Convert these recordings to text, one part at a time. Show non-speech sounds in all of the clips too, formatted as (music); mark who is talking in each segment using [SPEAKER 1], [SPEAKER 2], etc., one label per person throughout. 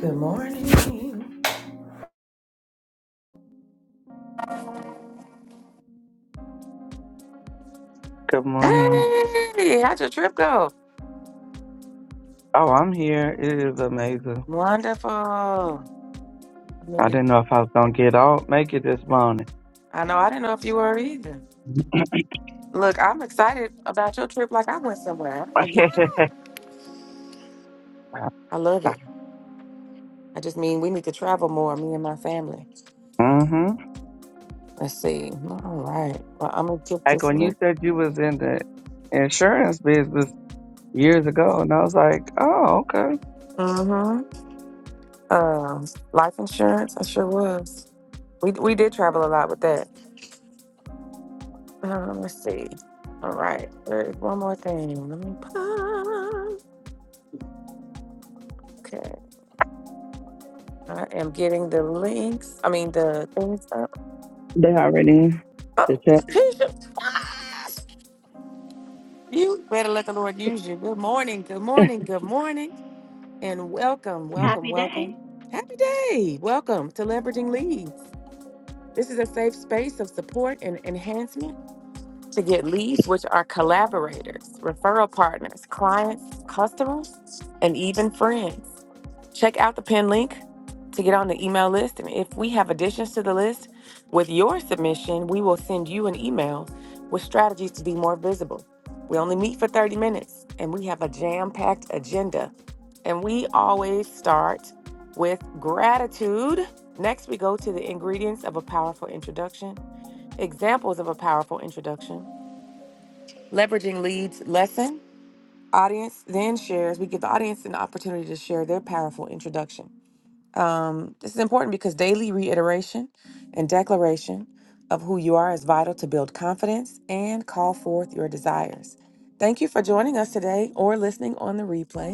[SPEAKER 1] Good morning.
[SPEAKER 2] Good morning.
[SPEAKER 1] Hey, how'd your trip go?
[SPEAKER 2] Oh, I'm here. It is amazing.
[SPEAKER 1] Wonderful.
[SPEAKER 2] I
[SPEAKER 1] Look
[SPEAKER 2] didn't
[SPEAKER 1] at-
[SPEAKER 2] know if I was gonna get out, make it this morning.
[SPEAKER 1] I know I didn't know if you were either. Look, I'm excited about your trip like I went somewhere. I'm like,
[SPEAKER 2] (laughs)
[SPEAKER 1] yeah, I love it. I just mean we need to travel more, me and my family.
[SPEAKER 2] hmm
[SPEAKER 1] Let's see. All right. Well, I'm gonna get
[SPEAKER 2] Like
[SPEAKER 1] this
[SPEAKER 2] when you
[SPEAKER 1] link.
[SPEAKER 2] said you was in the insurance business years ago, and I was like, oh, okay.
[SPEAKER 1] Mm-hmm. Um, life insurance, I sure was. We we did travel a lot with that. Um, let's see. All right. There's one more thing. Let me pause. Okay. I am getting the links. I mean the things up.
[SPEAKER 2] They already. The
[SPEAKER 1] Oh,
[SPEAKER 2] check.
[SPEAKER 1] Keisha. Ah! You better let the Lord use you. Good morning. Good morning. Good morning. And welcome, welcome,
[SPEAKER 3] Happy
[SPEAKER 1] welcome.
[SPEAKER 3] day.
[SPEAKER 1] Happy day. Welcome to Leveraging Leads. This is a safe space of support and enhancement to get leads, which are collaborators, referral partners, clients, customers, and even friends. Check out the pin link to get on the email list. And if we have additions to the list with your submission, we will send you an email with strategies to be more visible. We only meet for 30 minutes and we have a jam packed agenda. And we always start with gratitude. Next, we go to the ingredients of a powerful introduction, examples of a powerful introduction, leveraging leads lesson. Audience then shares, we give the audience an opportunity to share their powerful introduction. Um, this is important because daily reiteration and declaration of who you are is vital to build confidence and call forth your desires. Thank you for joining us today or listening on the replay.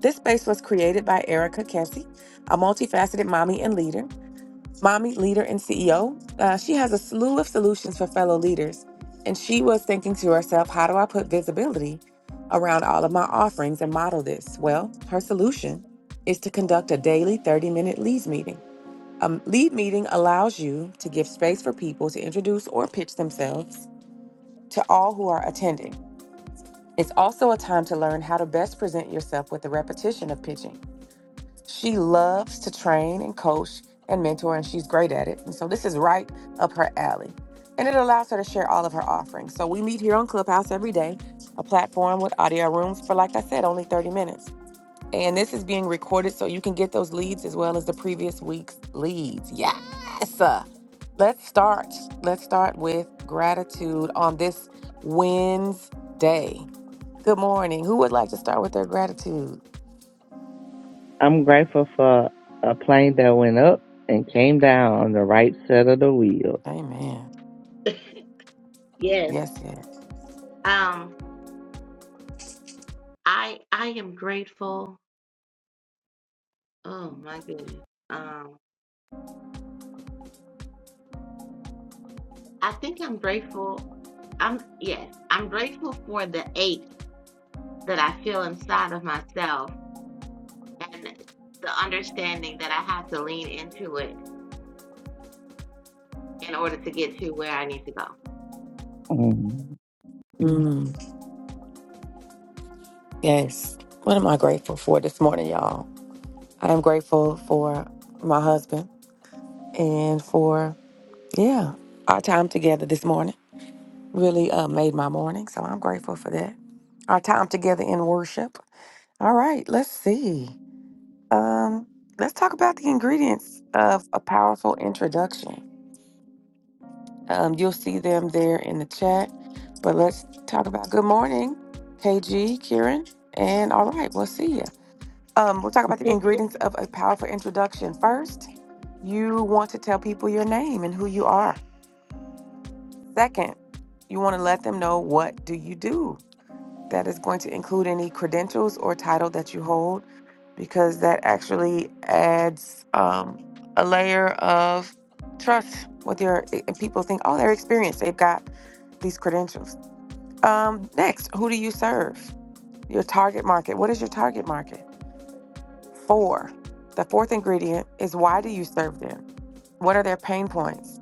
[SPEAKER 1] This space was created by Erica Kessie, a multifaceted mommy and leader. Mommy Leader and CEO. Uh, she has a slew of solutions for fellow leaders. And she was thinking to herself, how do I put visibility around all of my offerings and model this? Well, her solution is to conduct a daily 30 minute leads meeting. A lead meeting allows you to give space for people to introduce or pitch themselves to all who are attending. It's also a time to learn how to best present yourself with the repetition of pitching. She loves to train and coach and mentor, and she's great at it. And so this is right up her alley. And it allows her to share all of her offerings. So we meet here on Clubhouse every day, a platform with audio rooms for, like I said, only 30 minutes. And this is being recorded so you can get those leads as well as the previous week's leads. Yes! Let's start. Let's start with gratitude on this Wednesday. Good morning. Who would like to start with their gratitude?
[SPEAKER 2] I'm grateful for a plane that went up and came down on the right set of the wheels.
[SPEAKER 1] Amen.
[SPEAKER 3] (laughs) Yes.
[SPEAKER 1] Yes, yes.
[SPEAKER 3] Um, I I am grateful. Oh my goodness. Um, I think I'm grateful. I'm yes, I'm grateful for the ache that I feel inside of myself and the understanding that I have to lean into it in order to get to where I need to
[SPEAKER 2] Mhm.
[SPEAKER 1] Mm, yes. What am I grateful for this morning, y'all? I am grateful for my husband and for, yeah, our time together this morning really uh, made my morning. So I'm grateful for that. Our time together in worship. All right, let's see. Um, let's talk about the ingredients of a powerful introduction. Um, you'll see them there in the chat, but let's talk about good morning, KG, Kieran, and all right, we'll see you. Um, we'll talk about the
[SPEAKER 3] go.
[SPEAKER 1] ingredients of a powerful introduction. First, you want to tell people your name and who you are. Second, you want to let them know what do you do. That is going to include any credentials or title that you hold because that actually adds um, a layer of trust with your eh, and people think, oh, they're experienced. They've got these credentials. Um, next, who do you serve? Your target market. What is your target market? Four, the fourth ingredient is why do you serve them? What are their pain points?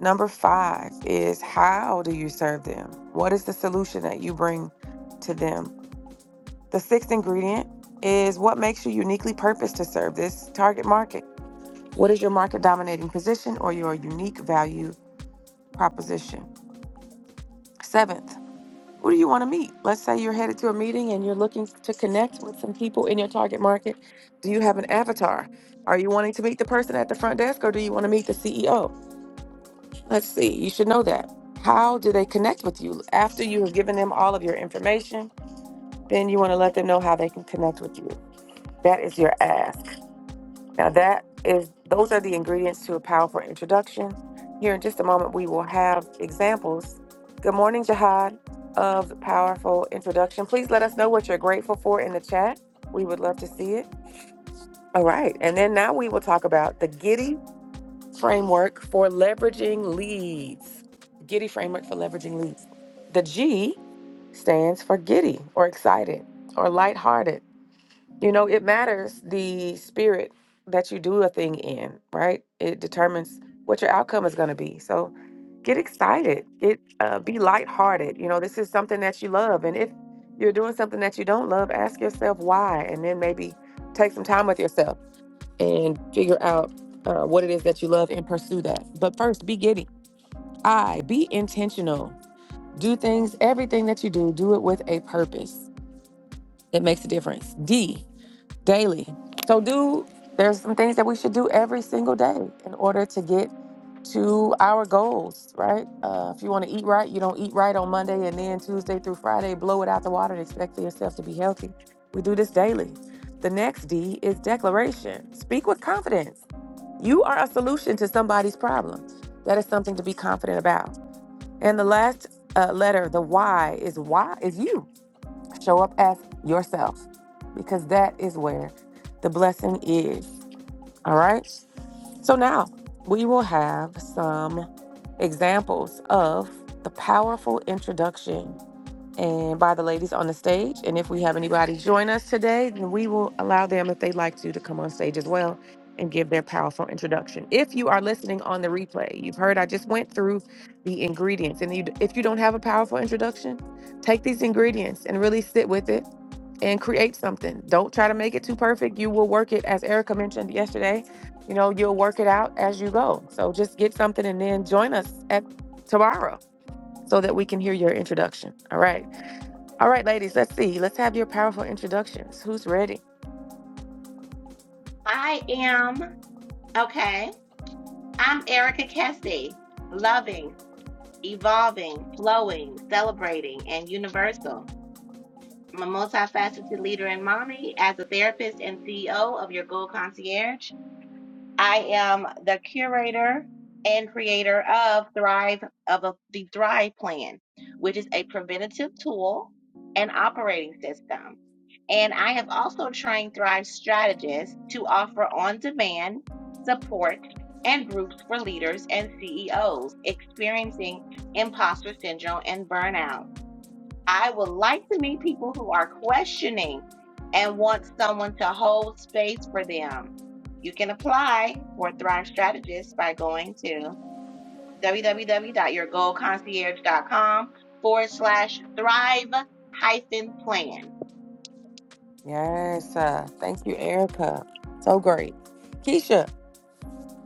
[SPEAKER 1] Number five is how do you serve them? What is the solution that you bring to them? The sixth ingredient is what makes you uniquely purposed to serve this target market? What is your market dominating position or your unique value proposition? Seventh, Who do you want to meet? Let's say you're headed to a meeting and you're looking to connect with some people in your target market. Do you have an avatar? Are you wanting to meet the person at the front desk or do you want to meet the CEO? Let's see. You should know that. How do they connect with you? After you have given them all of your information, then you want to let them know how they can connect with you. That is your ask. Now that is those are the ingredients to a powerful introduction. Here in just a moment we will have examples. Good morning, Jihad, of the powerful introduction. Please let us know what you're grateful for in the chat. We would love to see it. All right. And then now we will talk about the Giddy framework for leveraging leads. Giddy framework for leveraging leads. The G stands for giddy or excited or lighthearted you know, it matters the spirit that you do a thing in, right? It determines what your outcome is going to be. So get excited, get uh, be lighthearted. You know, this is something that you love, and if you're doing something that you don't love, ask yourself why, and then maybe take some time with yourself and figure out uh, what it is that you love and pursue that. But first, be giddy. I be intentional. Do things, everything that you do, do it with a purpose that makes a difference. D, daily. So do there's some things that we should do every single day in order to get to our goals, right? Uh, if you want to eat right, you don't eat right on Monday and then Tuesday through Friday, blow it out the water and expect for yourself to be healthy. We do this daily. The next D is declaration. Speak with confidence. You are a solution to somebody's problem. That is something to be confident about. And the last uh, letter, the Y, is why is you. Show up as yourself because that is where the blessing is. All right. So now we will have some examples of the powerful introduction and by the ladies on the stage. And if we have anybody join us today, then we will allow them, if they'd like to, to come on stage as well and give their powerful introduction. If you are listening on the replay, you've heard I just went through the ingredients. And you, if you don't have a powerful introduction, take these ingredients and really sit with it and create something. Don't try to make it too perfect. You will work it, as Erica mentioned yesterday. You know, you'll work it out as you go. So just get something and then join us at tomorrow so that we can hear your introduction. All right. All right, ladies, let's see. Let's have your powerful introductions. Who's ready?
[SPEAKER 3] (laughs) I am okay. I'm Erica Kessie, loving, evolving, flowing, celebrating, and universal. I'm a multifaceted leader and mommy as a therapist and CEO of your Gold Concierge. I am the curator and creator of Thrive of a- the Thrive Plan, which is a preventative tool and operating system. And I have also trained Thrive strategists to offer on-demand support and groups for leaders and CEOs experiencing imposter syndrome and burnout. I would like to meet people who are questioning and want someone to hold space for them. You can apply for Thrive Strategist by going to www.yourgoalconcierge.com forward slash thrive hyphen plan.
[SPEAKER 1] Yes. Uh, thank you, Erica. So great. Keisha.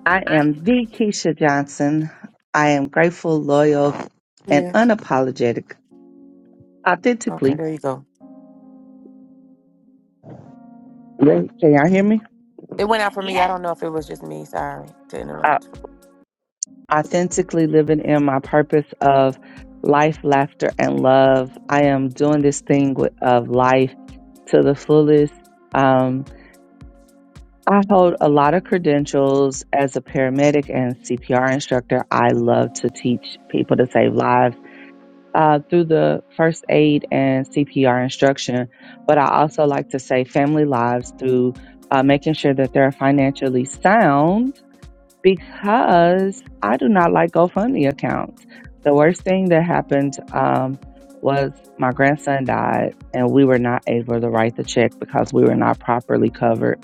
[SPEAKER 2] I am the Keisha Johnson. I am grateful, loyal, and
[SPEAKER 1] Yeah.
[SPEAKER 2] unapologetic.
[SPEAKER 1] Okay,
[SPEAKER 2] authentically
[SPEAKER 1] there you go.
[SPEAKER 2] can y'all hear me
[SPEAKER 1] It went out for me. I
[SPEAKER 3] Yes,
[SPEAKER 1] don't know if it was just me. Sorry to interrupt.
[SPEAKER 2] uh, authentically living in my purpose of life laughter and love i am doing this thing with, of life to the fullest um, i hold a lot of credentials as a paramedic and cpr instructor i love to teach people to save lives uh, through the first aid and cpr instruction but i also like to save family lives through uh, making sure that they're financially sound because I do not like GoFundMe accounts. The worst thing that happened um, was my grandson died, and we were not able to write the check because we were not properly covered.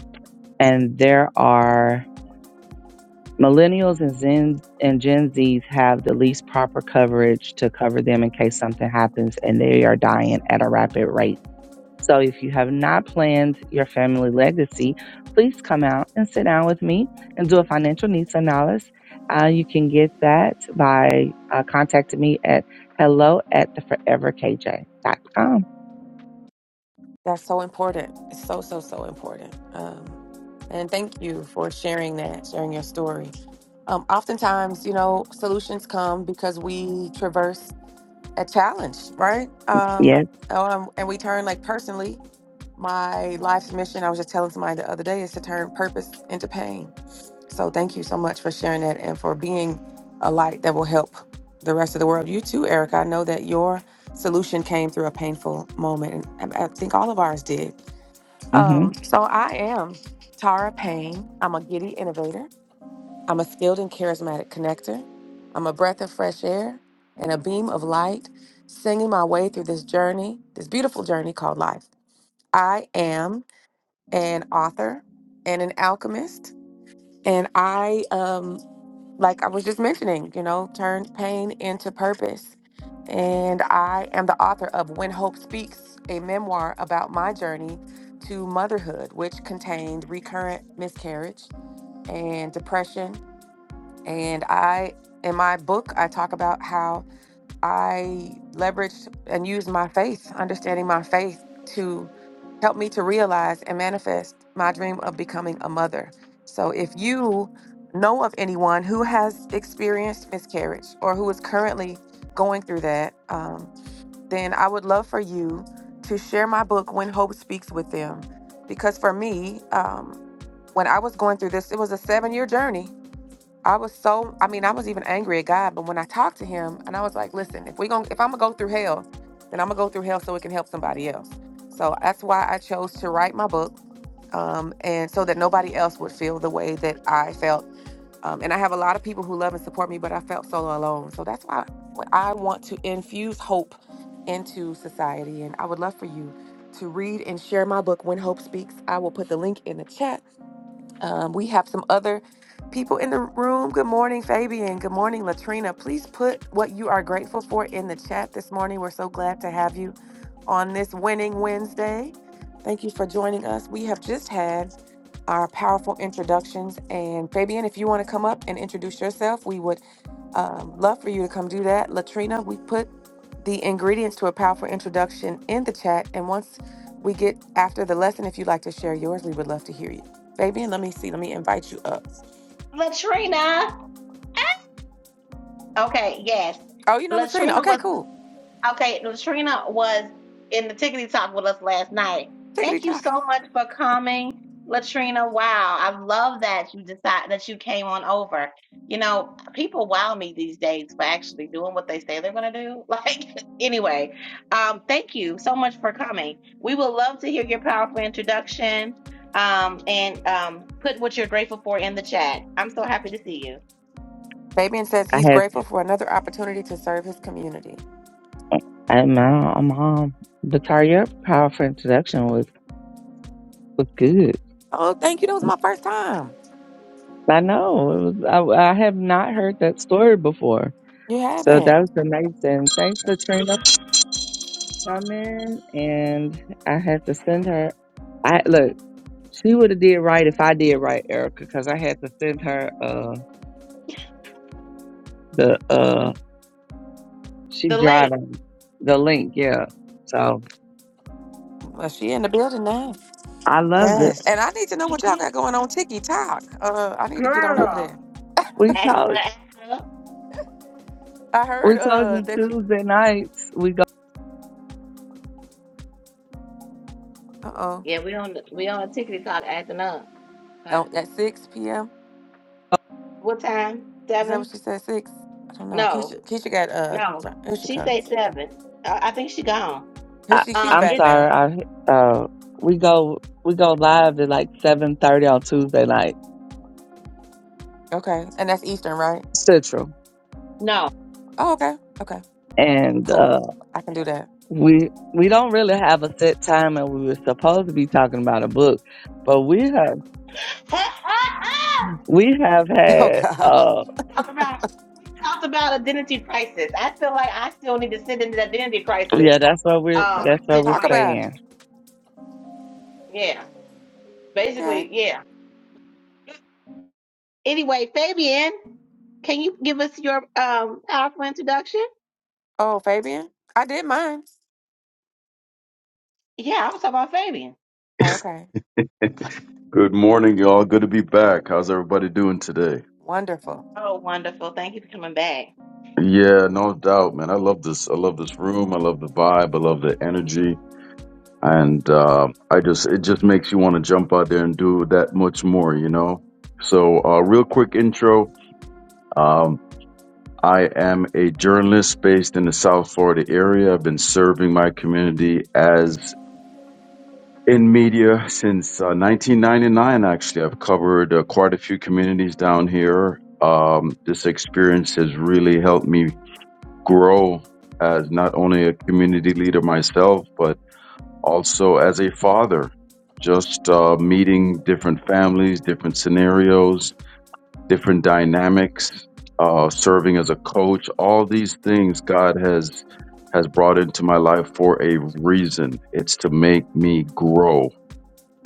[SPEAKER 2] And there are millennials and Zen and Gen Zs have the least proper coverage to cover them in case something happens, and they are dying at a rapid rate so if you have not planned your family legacy, please come out and sit down with me and do a financial needs analysis. Uh, you can get that by uh, contacting me at hello at the forever k j dot com.
[SPEAKER 1] That's so important. It's so, so, so important. Um, and thank you for sharing that, sharing your story. Um, oftentimes, you know, solutions come because we traverse a challenge, right? Um,
[SPEAKER 2] Yes.
[SPEAKER 1] um, and we turn, like, personally, my life's mission, I was just telling somebody the other day, is to turn purpose into pain. So thank you so much for sharing that and for being a light that will help the rest of the world. You too, Erica. I know that your solution came through a painful moment, and I I think all of ours did
[SPEAKER 2] hmm
[SPEAKER 1] um, so I am Tara Payne. I'm a giddy innovator. I'm a skilled and charismatic connector. I'm a breath of fresh air and a beam of light, singing my way through this journey, this beautiful journey called life. I am an author and an alchemist, and I um, like I was just mentioning, you know, turns pain into purpose. And I am the author of When Hope Speaks, a memoir about my journey to motherhood, which contained recurrent miscarriage and depression. And I, in my book, I talk about how I leveraged and used my faith, understanding my faith to help me to realize and manifest my dream of becoming a mother. So if you know of anyone who has experienced miscarriage or who is currently going through that, um, then I would love for you to share my book, When Hope Speaks with Them. Because for me, um, when I was going through this, it was a seven year journey I was so I mean, I was even angry at God, but when I talked to him and I was like, listen, if we going to if I'm gonna go through hell, then I'm gonna go through hell so it can help somebody else. So that's why I chose to write my book. Um, and so that nobody else would feel the way that I felt. Um, and I have a lot of people who love and support me, but I felt so alone. So that's why I want to infuse hope into society. And I would love for you to read and share my book, When Hope Speaks. I will put the link in the chat. Um, we have some other people in the room. Good morning, Fabian. Good morning, Latrina. Please put what you are grateful for in the chat this morning. We're so glad to have you on this Winning Wednesday. Thank you for joining us. We have just had our powerful introductions. And Fabian, if you want to come up and introduce yourself, we would um, love for you to come do that. Latrina, we put the ingredients to a powerful introduction in the chat. And once we get after the lesson, if you'd like to share yours, we would love to hear you. Fabian, let me see. Let me invite you up.
[SPEAKER 3] Latrina. Okay, yes.
[SPEAKER 1] Oh, you know Latrina.
[SPEAKER 3] Latrina was.
[SPEAKER 1] Okay, cool.
[SPEAKER 3] Okay, Latrina was in the tickety talk with us last night.
[SPEAKER 1] Tickety
[SPEAKER 3] Thank you so
[SPEAKER 1] tock.
[SPEAKER 3] much for coming, Latrina. Wow, I love that you decide that you came on over. You know, people wow me these days for actually doing what they say they're gonna do. (laughs) Like, anyway, um, thank you so much for coming. We would love to hear your powerful introduction, um, and um, put what you're grateful for in the chat. I'm so happy to see you.
[SPEAKER 1] Fabian says
[SPEAKER 2] I
[SPEAKER 1] he's
[SPEAKER 2] had,
[SPEAKER 1] grateful for another opportunity to serve his community.
[SPEAKER 2] I my mom, Victoria, powerful introduction was, was good.
[SPEAKER 1] Oh, thank you. That was my first time.
[SPEAKER 2] I know. It was, I, I have not heard that story before.
[SPEAKER 1] You
[SPEAKER 2] So that was
[SPEAKER 1] haven't.
[SPEAKER 2] amazing. Thanks, Latrina, Come in, and I had to send her. I look, she would have did right if I did right, Erica, because I had to send her uh the uh she
[SPEAKER 3] The link,
[SPEAKER 2] driving the link, yeah. So
[SPEAKER 1] Well, she in the building now.
[SPEAKER 2] I loved it.
[SPEAKER 1] Yes. And I need to know
[SPEAKER 3] she's
[SPEAKER 1] what y'all got going on Tiki Talk. Uh, I need to get on over
[SPEAKER 3] girl.
[SPEAKER 1] there.
[SPEAKER 2] We
[SPEAKER 3] Ask
[SPEAKER 2] told
[SPEAKER 3] her, ask her.
[SPEAKER 1] I heard
[SPEAKER 2] we told
[SPEAKER 1] uh
[SPEAKER 2] you
[SPEAKER 1] that.
[SPEAKER 2] Tuesday nights we go.
[SPEAKER 1] Uh oh.
[SPEAKER 3] Yeah, we on the- we on tickety talk acting up. Okay.
[SPEAKER 1] Oh, at six p.m.
[SPEAKER 3] What time?
[SPEAKER 1] Is that what
[SPEAKER 3] Seven?
[SPEAKER 1] she said? Six? I don't know.
[SPEAKER 3] No,
[SPEAKER 1] Keisha, Keisha got uh.
[SPEAKER 3] no.
[SPEAKER 1] sorry, Here she
[SPEAKER 3] She said
[SPEAKER 1] comes.
[SPEAKER 3] seven. I, I think she gone.
[SPEAKER 1] Here
[SPEAKER 2] I,
[SPEAKER 1] she she's
[SPEAKER 3] Um,
[SPEAKER 2] I'm
[SPEAKER 1] back
[SPEAKER 3] it's
[SPEAKER 1] now.
[SPEAKER 2] sorry, I uh we go we go live at like seven thirty on Tuesday night
[SPEAKER 1] Okay, and that's Eastern, right?
[SPEAKER 2] Central,
[SPEAKER 3] no.
[SPEAKER 1] Oh, okay. Okay,
[SPEAKER 2] and uh
[SPEAKER 1] cool. I can do that.
[SPEAKER 2] we we don't really have a set time and we were supposed to be talking about a book but we have
[SPEAKER 3] (laughs)
[SPEAKER 2] we have
[SPEAKER 1] (laughs) Oh
[SPEAKER 2] had
[SPEAKER 1] gosh,
[SPEAKER 2] uh
[SPEAKER 3] talk about we talked about identity crisis. I feel like I still need to sit in the identity crisis
[SPEAKER 2] yeah that's what we're
[SPEAKER 3] um
[SPEAKER 2] that's what we're
[SPEAKER 1] talk
[SPEAKER 3] situation.
[SPEAKER 1] about it.
[SPEAKER 2] saying
[SPEAKER 3] Yeah,
[SPEAKER 1] Okay.
[SPEAKER 3] basically, yeah. Anyway, Fabian, can you give us your um powerful introduction?
[SPEAKER 1] Oh, Fabian, I did mine.
[SPEAKER 3] Yeah, I was talking about Fabian.
[SPEAKER 1] Oh,
[SPEAKER 4] (laughs)
[SPEAKER 1] okay.
[SPEAKER 4] Good morning, y'all. Good to be back. How's everybody doing today?
[SPEAKER 1] Wonderful.
[SPEAKER 3] Oh, wonderful! Thank you for coming back.
[SPEAKER 4] Yeah, no doubt, man. I love this. I love this room. I love the vibe. I love the energy. And uh, I just, it just makes you want to jump out there and do that much more, you know? So, uh, real quick intro. Um, I am a journalist based in the South Florida area. I've been serving my community as. in media since uh, 1999. Actually, I've covered uh, quite a few communities down here. Um, this experience has really helped me grow as not only a community leader myself, but also as a father. Just uh, meeting different families, different scenarios, different dynamics, uh, serving as a coach. All these things God has has brought into my life for a reason. It's to make me grow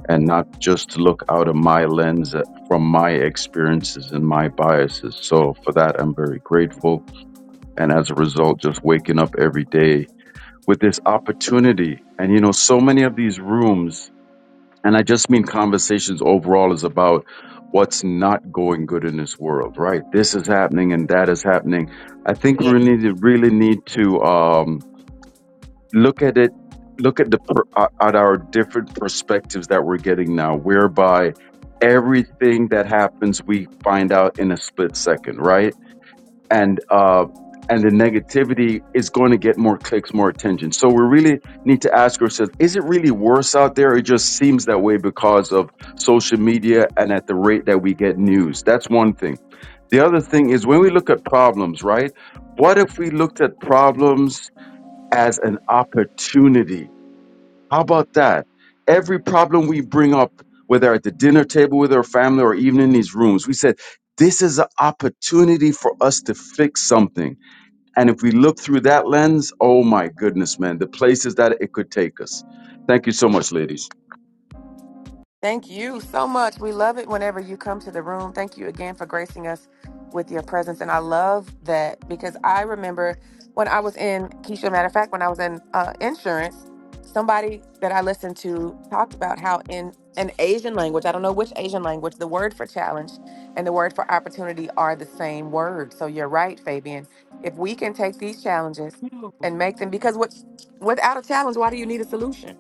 [SPEAKER 4] and not just look out of my lens uh, from my experiences and my biases. So for that, I'm very grateful. And as a result, just waking up every day with this opportunity. And you know, so many of these rooms, and I just mean conversations overall is about what's not going good in this world, right? This is happening and that is happening. I think we
[SPEAKER 3] Yeah.
[SPEAKER 4] really, really need to, um, look at it look at the per, uh, at our different perspectives that we're getting now whereby everything that happens we find out in a split second right and uh and the negativity is going to get more clicks more attention so we really need to ask ourselves is it really worse out there it just seems that way because of social media and at the rate that we get news that's one thing the other thing is when we look at problems right what if we looked at problems as an opportunity. How about that? Every problem we bring up, whether at the dinner table with our family or even in these rooms, we said, this is an opportunity for us to fix something. And if we look through that lens, oh my goodness, man, the places that it could take us. Thank you so much, ladies.
[SPEAKER 1] Thank you so much. We love it whenever you come to the room. Thank you again for gracing us with your presence. And I love that because I remember when I was in, Keisha, matter of fact, when I was in uh, insurance, somebody that I listened to talked about how in an Asian language, I don't know which Asian language, the word for challenge and the word for opportunity are the same word. So you're right, Fabian. If we can take these challenges and make them, because what, without a challenge, why do you need a solution?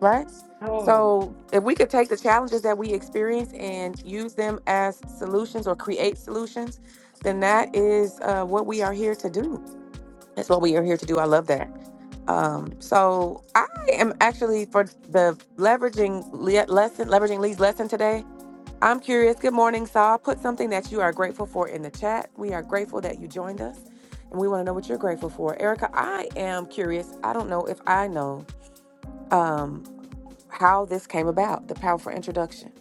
[SPEAKER 1] Right?
[SPEAKER 3] Oh,
[SPEAKER 1] So, if we could take the challenges that we experience and use them as solutions or create solutions, then that is uh, what we are here to do. That's what we are here to do. I love that. Um, so I am actually for the leveraging le- lesson, leveraging Lee's lesson today. I'm curious. Good morning, Saul. Put something that you are grateful for in the chat. We are grateful that you joined us, and we want to know what you're grateful for. Erica, I am curious. I don't know if I know. Um, how this came about, the powerful introduction.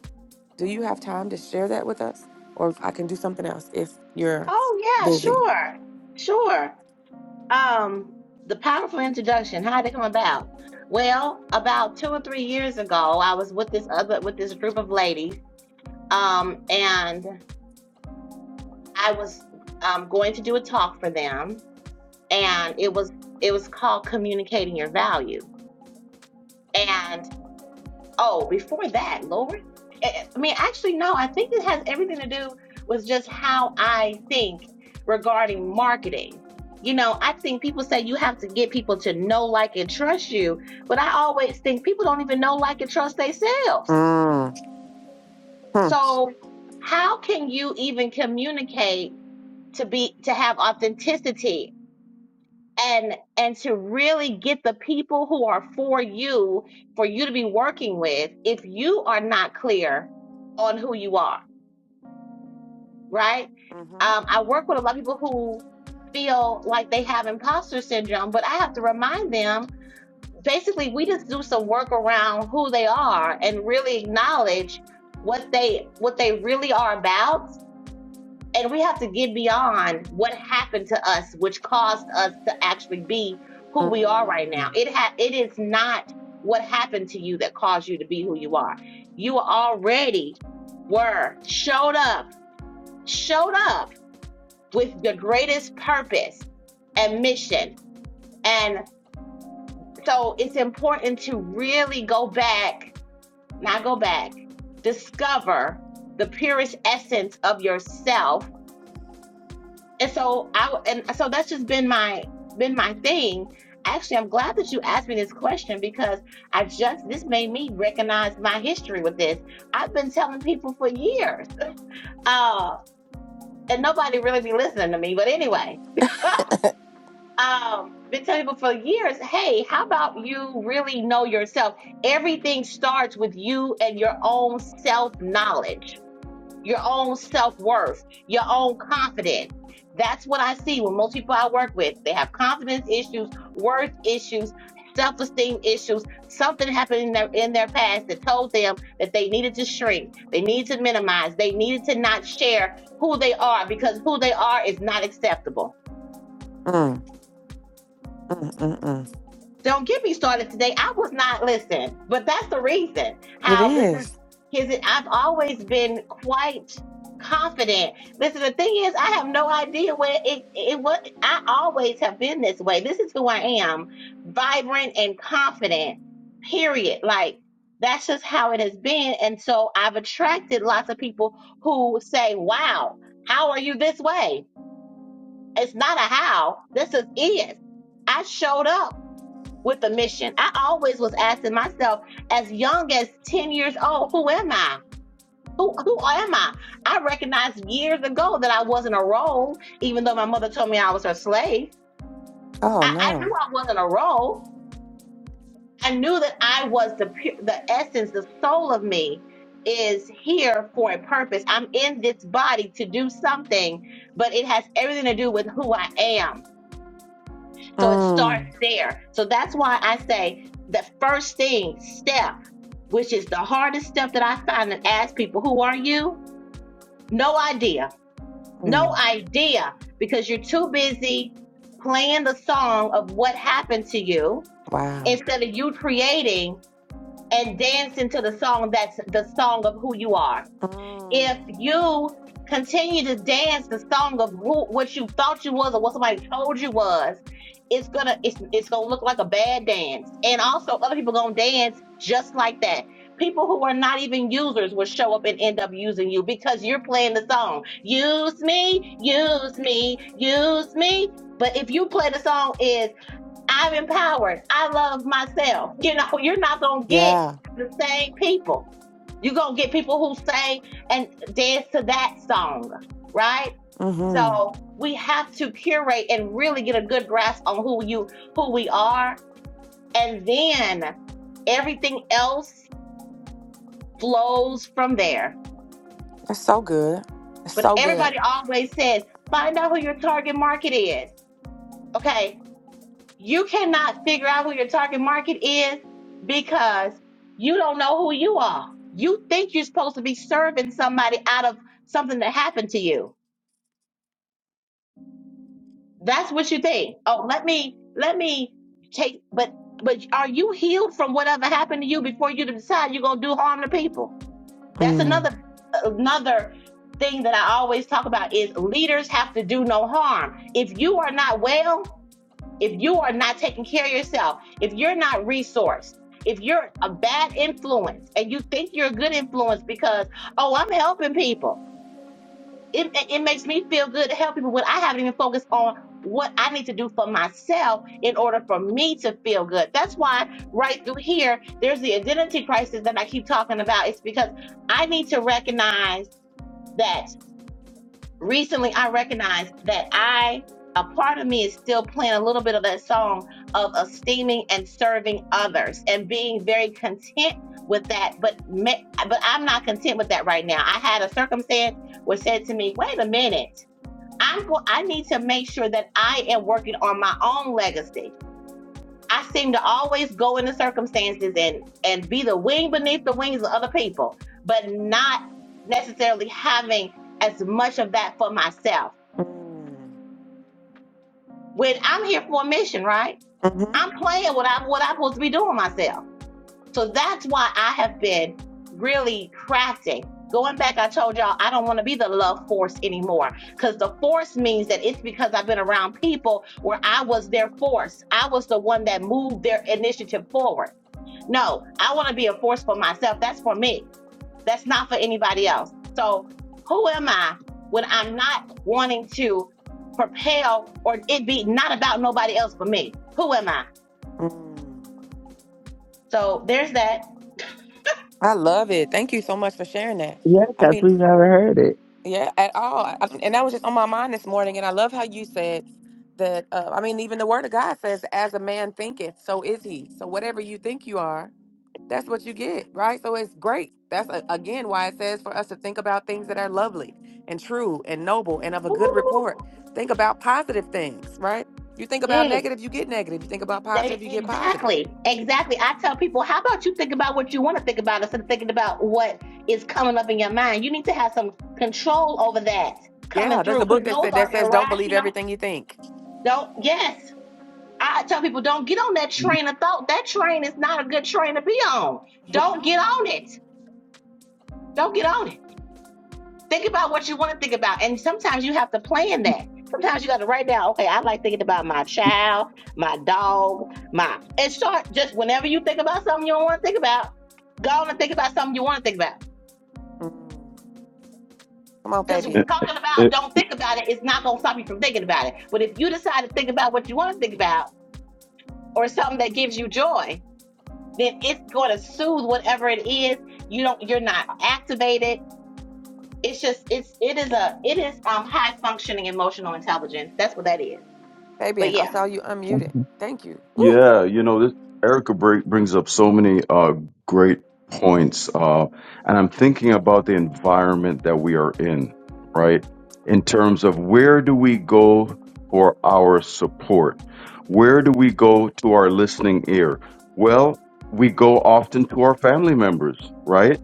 [SPEAKER 1] Do you have time to share that with us? Or if I can do something else if you're
[SPEAKER 3] Oh yeah,
[SPEAKER 1] busy.
[SPEAKER 3] sure, sure. Um, the powerful introduction. How did it come about? Well, about two or three years ago, I was with this other with this group of ladies, um, and I was um, going to do a talk for them, and it was it was called communicating your value, Oh, before that, Lord. I I mean, actually, no, I think it has everything to do with just how I think regarding marketing. You know, I think people say you have to get people to know, like, and trust you, but I always think people don't even know, like, and trust themselves.
[SPEAKER 1] Mm. Hmm.
[SPEAKER 3] So, how can you even communicate to be to have authenticity and and to really get the people who are for you for you to be working with if you are not clear on who you are right
[SPEAKER 1] Mhm.
[SPEAKER 3] um, i work with a lot of people who feel like they have imposter syndrome but i have to remind them basically we just do some work around who they are and really acknowledge what they what they really are about and we have to get beyond what happened to us, which caused us to actually be who we are right now.
[SPEAKER 1] Mm.
[SPEAKER 3] It ha- it is not what happened to you that caused you to be who you are. You already were showed up, showed up with the greatest purpose and mission. And so it's important to really go back, not go back, discover the purest essence of yourself and so I and so that's just been my been my thing. Actually, I'm glad that you asked me this question because I just this made me recognize my history with this. I've been telling people for years, uh, and nobody really be listening to me. But anyway, um, been telling people for years, hey, how about you really know yourself? Everything starts with you and your own self knowledge your own self worth, your own confidence. That's what I see when most people I work with. They have confidence issues, worth issues, self esteem issues. Something happened in their in their past that told them that they needed to shrink, they needed to minimize, they needed to not share who they are because who they are is not acceptable.
[SPEAKER 1] Mm. Mm. Mm. Mm.
[SPEAKER 3] Don't get me started today. I was not listening, but that's the reason
[SPEAKER 1] It
[SPEAKER 3] how this is.
[SPEAKER 1] is.
[SPEAKER 3] His, I've always been quite confident. Listen, the thing is, I have no idea where it, it was. I always have been this way. This is who I am vibrant and confident, period. Like, that's just how it has been. And so I've attracted lots of people who say, Wow, how are you this way? It's not a how, this is it. I showed up with a mission. I always was asking myself, as young as 10 years old, who am I? Who, who am I? I recognized years ago that I wasn't a role, even though my mother told me I was her slave.
[SPEAKER 1] Oh,
[SPEAKER 3] I, I knew
[SPEAKER 1] no.
[SPEAKER 3] I wasn't a role. I knew that I was the pu- the essence, the soul of me is here for a purpose. I'm in this body to do something, but it has everything to do with who I am. So it starts
[SPEAKER 1] Mm.
[SPEAKER 3] there. So that's why I say the first thing, step which is the hardest step that I find and ask people, who are you? No idea. No
[SPEAKER 1] Mm.
[SPEAKER 3] idea. Because you're too busy playing the song of what happened to you
[SPEAKER 1] Wow.
[SPEAKER 3] instead of you creating and dancing to the song that's the song of who you are if
[SPEAKER 1] Mm.
[SPEAKER 3] you continue to dance the song of who what you thought you was or what somebody told you was, it's gonna it's it's gonna look like a bad dance. And also other people gonna dance just like that. People who are not even users will show up and end up using you because you're playing the song. Use me, use me, use me. But if you play the song is I'm empowered. I love myself. You know, (laughs) you're not going to get
[SPEAKER 1] Yeah.
[SPEAKER 3] the same people. You're going to get people who say and dance to that song, right?
[SPEAKER 1] Mm-hmm.
[SPEAKER 3] So we have to curate and really get a good grasp on who you, who we are. And then everything else flows from there.
[SPEAKER 1] That's so good. It's
[SPEAKER 3] But
[SPEAKER 1] so good.
[SPEAKER 3] everybody always says, find out who your target market is. Okay you cannot figure out who your target market is because you don't know who you are. You think you're supposed to be serving somebody out of something that happened to you. That's what you think. Oh, let me let me take but but are you healed from whatever happened to you before you decide you're going to do harm to people? That's
[SPEAKER 1] Mm.
[SPEAKER 3] another another thing that I always talk about is leaders have to do no harm. If you are not well, if you are not taking care of yourself, if you're not resourced, if you're a bad influence and you think you're a good influence because, oh, I'm helping people, it, it makes me feel good to help people when I haven't even focused on what I need to do for myself in order for me to feel good. That's why right through here, there's the identity crisis that I keep talking about. It's because I need to recognize that recently I recognized that I a part of me is still playing a little bit of that song of esteeming and serving others and being very content with that but ma- but I'm not content with that right now. I had a circumstance where said to me, "Wait a minute. I'm go- I need to make sure that I am working on my own legacy." I seem to always go into circumstances and and be the wing beneath the wings of other people, but not necessarily having as much of that for myself.
[SPEAKER 1] Mm.
[SPEAKER 3] when I'm here for a mission, right?
[SPEAKER 1] Mm-hmm.
[SPEAKER 3] I'm playing what I'm what I'm supposed to be doing myself. So that's why I have been really crafting. Going back, I told y'all I don't want to be the love force anymore because the force means that it's because I've been around people where I was their force. I was the one that moved their initiative forward. No, I want to be a force for myself. That's for me. That's not for anybody else. So who am I when I'm not wanting to propel or it be not about nobody else but me? Who am I?
[SPEAKER 1] Mm.
[SPEAKER 3] So there's that.
[SPEAKER 1] I love it. Thank you so much for sharing that.
[SPEAKER 2] yeah
[SPEAKER 1] I
[SPEAKER 2] because
[SPEAKER 1] mean,
[SPEAKER 2] we've never heard it
[SPEAKER 1] Yeah, at all. I- mean, And that was just on my mind this morning. And I love how you said that. Uh, I mean, even the word of God says, as a man thinketh, so is he. So whatever you think you are, that's what you get, right? So it's great. That's a, again why it says for us to think about things that are lovely and true and noble and of a good
[SPEAKER 3] Ooh.
[SPEAKER 1] report. Think about positive things, right? You think about
[SPEAKER 3] Mm,
[SPEAKER 1] negative, you get negative. You think about
[SPEAKER 3] that-
[SPEAKER 1] positive, you get positive.
[SPEAKER 3] exactly. Exactly. I tell people, how about you think about what you want to think about instead of thinking about what is coming up in your mind? You need to have some control over that
[SPEAKER 1] Yeah,
[SPEAKER 3] coming
[SPEAKER 1] there's
[SPEAKER 3] through
[SPEAKER 1] a book
[SPEAKER 3] because
[SPEAKER 1] that
[SPEAKER 3] those
[SPEAKER 1] said that
[SPEAKER 3] are
[SPEAKER 1] says don't believe
[SPEAKER 3] irrational.
[SPEAKER 1] everything you think.
[SPEAKER 3] Don't, yes. I tell people don't get on that train of thought. That train is not a good train to be on. Don't get on it. Don't get on it. Think about what you want to think about. And sometimes you have to plan that. Sometimes you got to write down, okay, I like thinking about my child, my dog, my. And start just whenever you think about something you don't want to think about, go on and think about something you want to think about.
[SPEAKER 1] Mm. Come on,
[SPEAKER 3] Because talking
[SPEAKER 4] Eh,
[SPEAKER 1] Fabian.
[SPEAKER 3] about
[SPEAKER 4] eh,
[SPEAKER 3] don't think about it is not going to stop you from thinking about it. But if you decide to think about what you want to think about or something that gives you joy, then it's going to soothe whatever it is you don't you're not activated it's just it's it is a it is um high functioning emotional intelligence that's what that is but
[SPEAKER 1] Fabian, I
[SPEAKER 3] yeah
[SPEAKER 1] saw you unmuted.
[SPEAKER 2] Mhm.
[SPEAKER 1] Thank you. Woo.
[SPEAKER 4] Yeah, you know, this Erica break brings up so many uh, great points, uh, and I'm thinking about the environment that we are in, right? In terms of where do we go for our support? Where do we go to our listening ear? Well, we go often to our family members, right?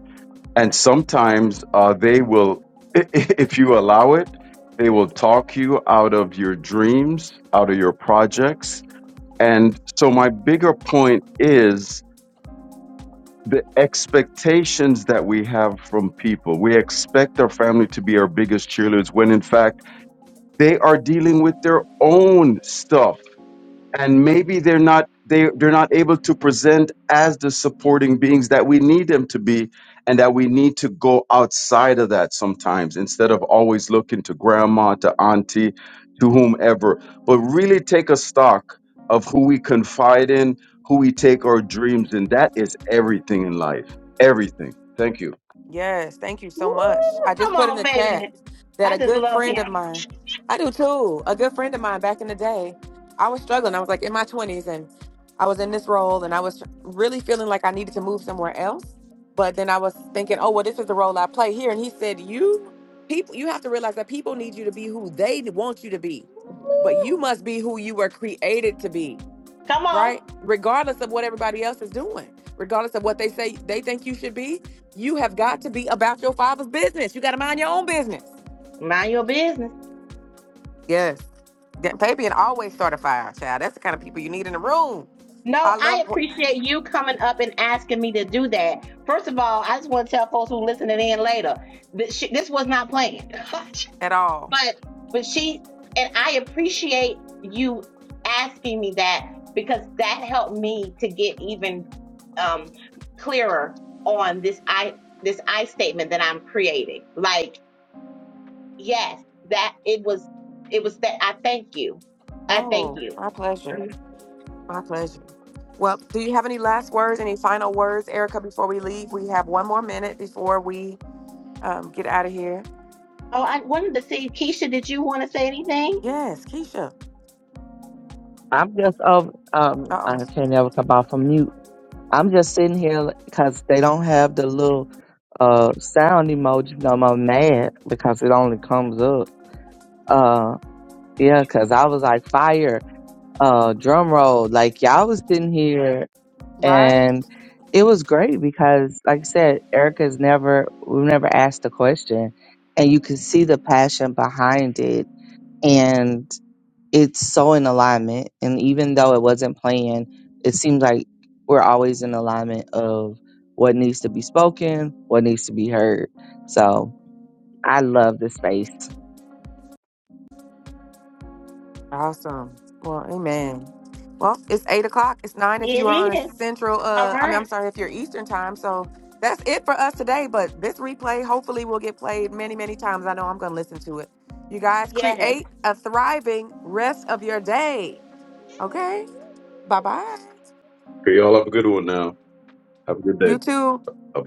[SPEAKER 4] And sometimes uh, they will, (laughs) if you allow it, they will talk you out of your dreams, out of your projects and so, my bigger point is the expectations that we have from people. We expect our family to be our biggest cheerleaders when, in fact, they are dealing with their own stuff and maybe they're not they they're not able to present as the supporting beings that we need them to be and that we need to go outside of that sometimes instead of always looking to grandma to auntie to whomever but really take a stock of who we confide in who we take our dreams in that is everything in life everything thank you
[SPEAKER 1] Yes, thank you so
[SPEAKER 3] Woo,
[SPEAKER 1] much. I just
[SPEAKER 3] come
[SPEAKER 1] put in
[SPEAKER 3] on
[SPEAKER 1] the chat
[SPEAKER 3] baby
[SPEAKER 1] that
[SPEAKER 3] i
[SPEAKER 1] a
[SPEAKER 3] just
[SPEAKER 1] good
[SPEAKER 3] love
[SPEAKER 1] friend
[SPEAKER 3] him
[SPEAKER 1] of mine, I do too, a good friend of mine back in the day, I was struggling. I was like in my 20s and I was in this role and I was really feeling like I needed to move somewhere else. But then I was thinking, oh, well, this is the role I play here. And he said, you people, you have to realize that people need you to be who they want you to be,
[SPEAKER 3] Woo,
[SPEAKER 1] but you must be who you were created to be
[SPEAKER 3] come on
[SPEAKER 1] right? Regardless of what everybody else is doing, regardless of what they say they think you should be, you have got to be about your father's business. You got to mind your own business.
[SPEAKER 3] mind your business
[SPEAKER 1] Yes. That baby and always start a fire, child. That's the kind of people you need in the room. I
[SPEAKER 3] no i
[SPEAKER 1] love
[SPEAKER 3] appreciate you coming up and asking me to do that first of all i just want to tell folks who listening in later that sh- this was not planned (laughs)
[SPEAKER 1] at all.
[SPEAKER 3] but but she and I appreciate you asking me that because that helped me to get even um clearer on this I this I statement that I'm creating. Like, yes, that it was it was that I thank you. I thank
[SPEAKER 1] Oh,
[SPEAKER 3] you.
[SPEAKER 1] my pleasure.
[SPEAKER 3] Mhm.
[SPEAKER 1] My pleasure. Well, do you have any last words, any final words, Erica, before we leave? We have one more minute before we um, get out of here.
[SPEAKER 3] Oh, I wanted to see Keisha, did you want to say anything?
[SPEAKER 1] Yes, Keisha.
[SPEAKER 2] i'm just over um
[SPEAKER 1] Uh
[SPEAKER 2] i
[SPEAKER 1] oh.
[SPEAKER 2] can't ever come off from mute i'm just sitting here because they don't have the little uh sound emoji no more mad because it only comes up uh yeah because i was like fire uh drum roll like y'all was sitting here
[SPEAKER 1] Right?
[SPEAKER 2] and it was great because like i said erica's never we've never asked the question and you can see the passion behind it and it's so in alignment and even though it wasn't planned it seems like we're always in alignment of what needs to be spoken what needs to be heard so i love the space
[SPEAKER 1] Awesome. Well, amen. Well, it's eight o'clock. It's nine if you
[SPEAKER 3] It
[SPEAKER 1] are on a
[SPEAKER 3] is.
[SPEAKER 1] central
[SPEAKER 3] All
[SPEAKER 1] uh I mean I'm
[SPEAKER 3] right.
[SPEAKER 1] sorry if you're Eastern time. So that's it for us today. But this replay hopefully will get played many, many times. I know I'm gonna listen to it. You guys
[SPEAKER 3] Yes.
[SPEAKER 1] create a thriving rest of your day. Okay? Bye bye.
[SPEAKER 4] okay y'all have a good one now have a good day
[SPEAKER 1] You too.
[SPEAKER 4] bye bye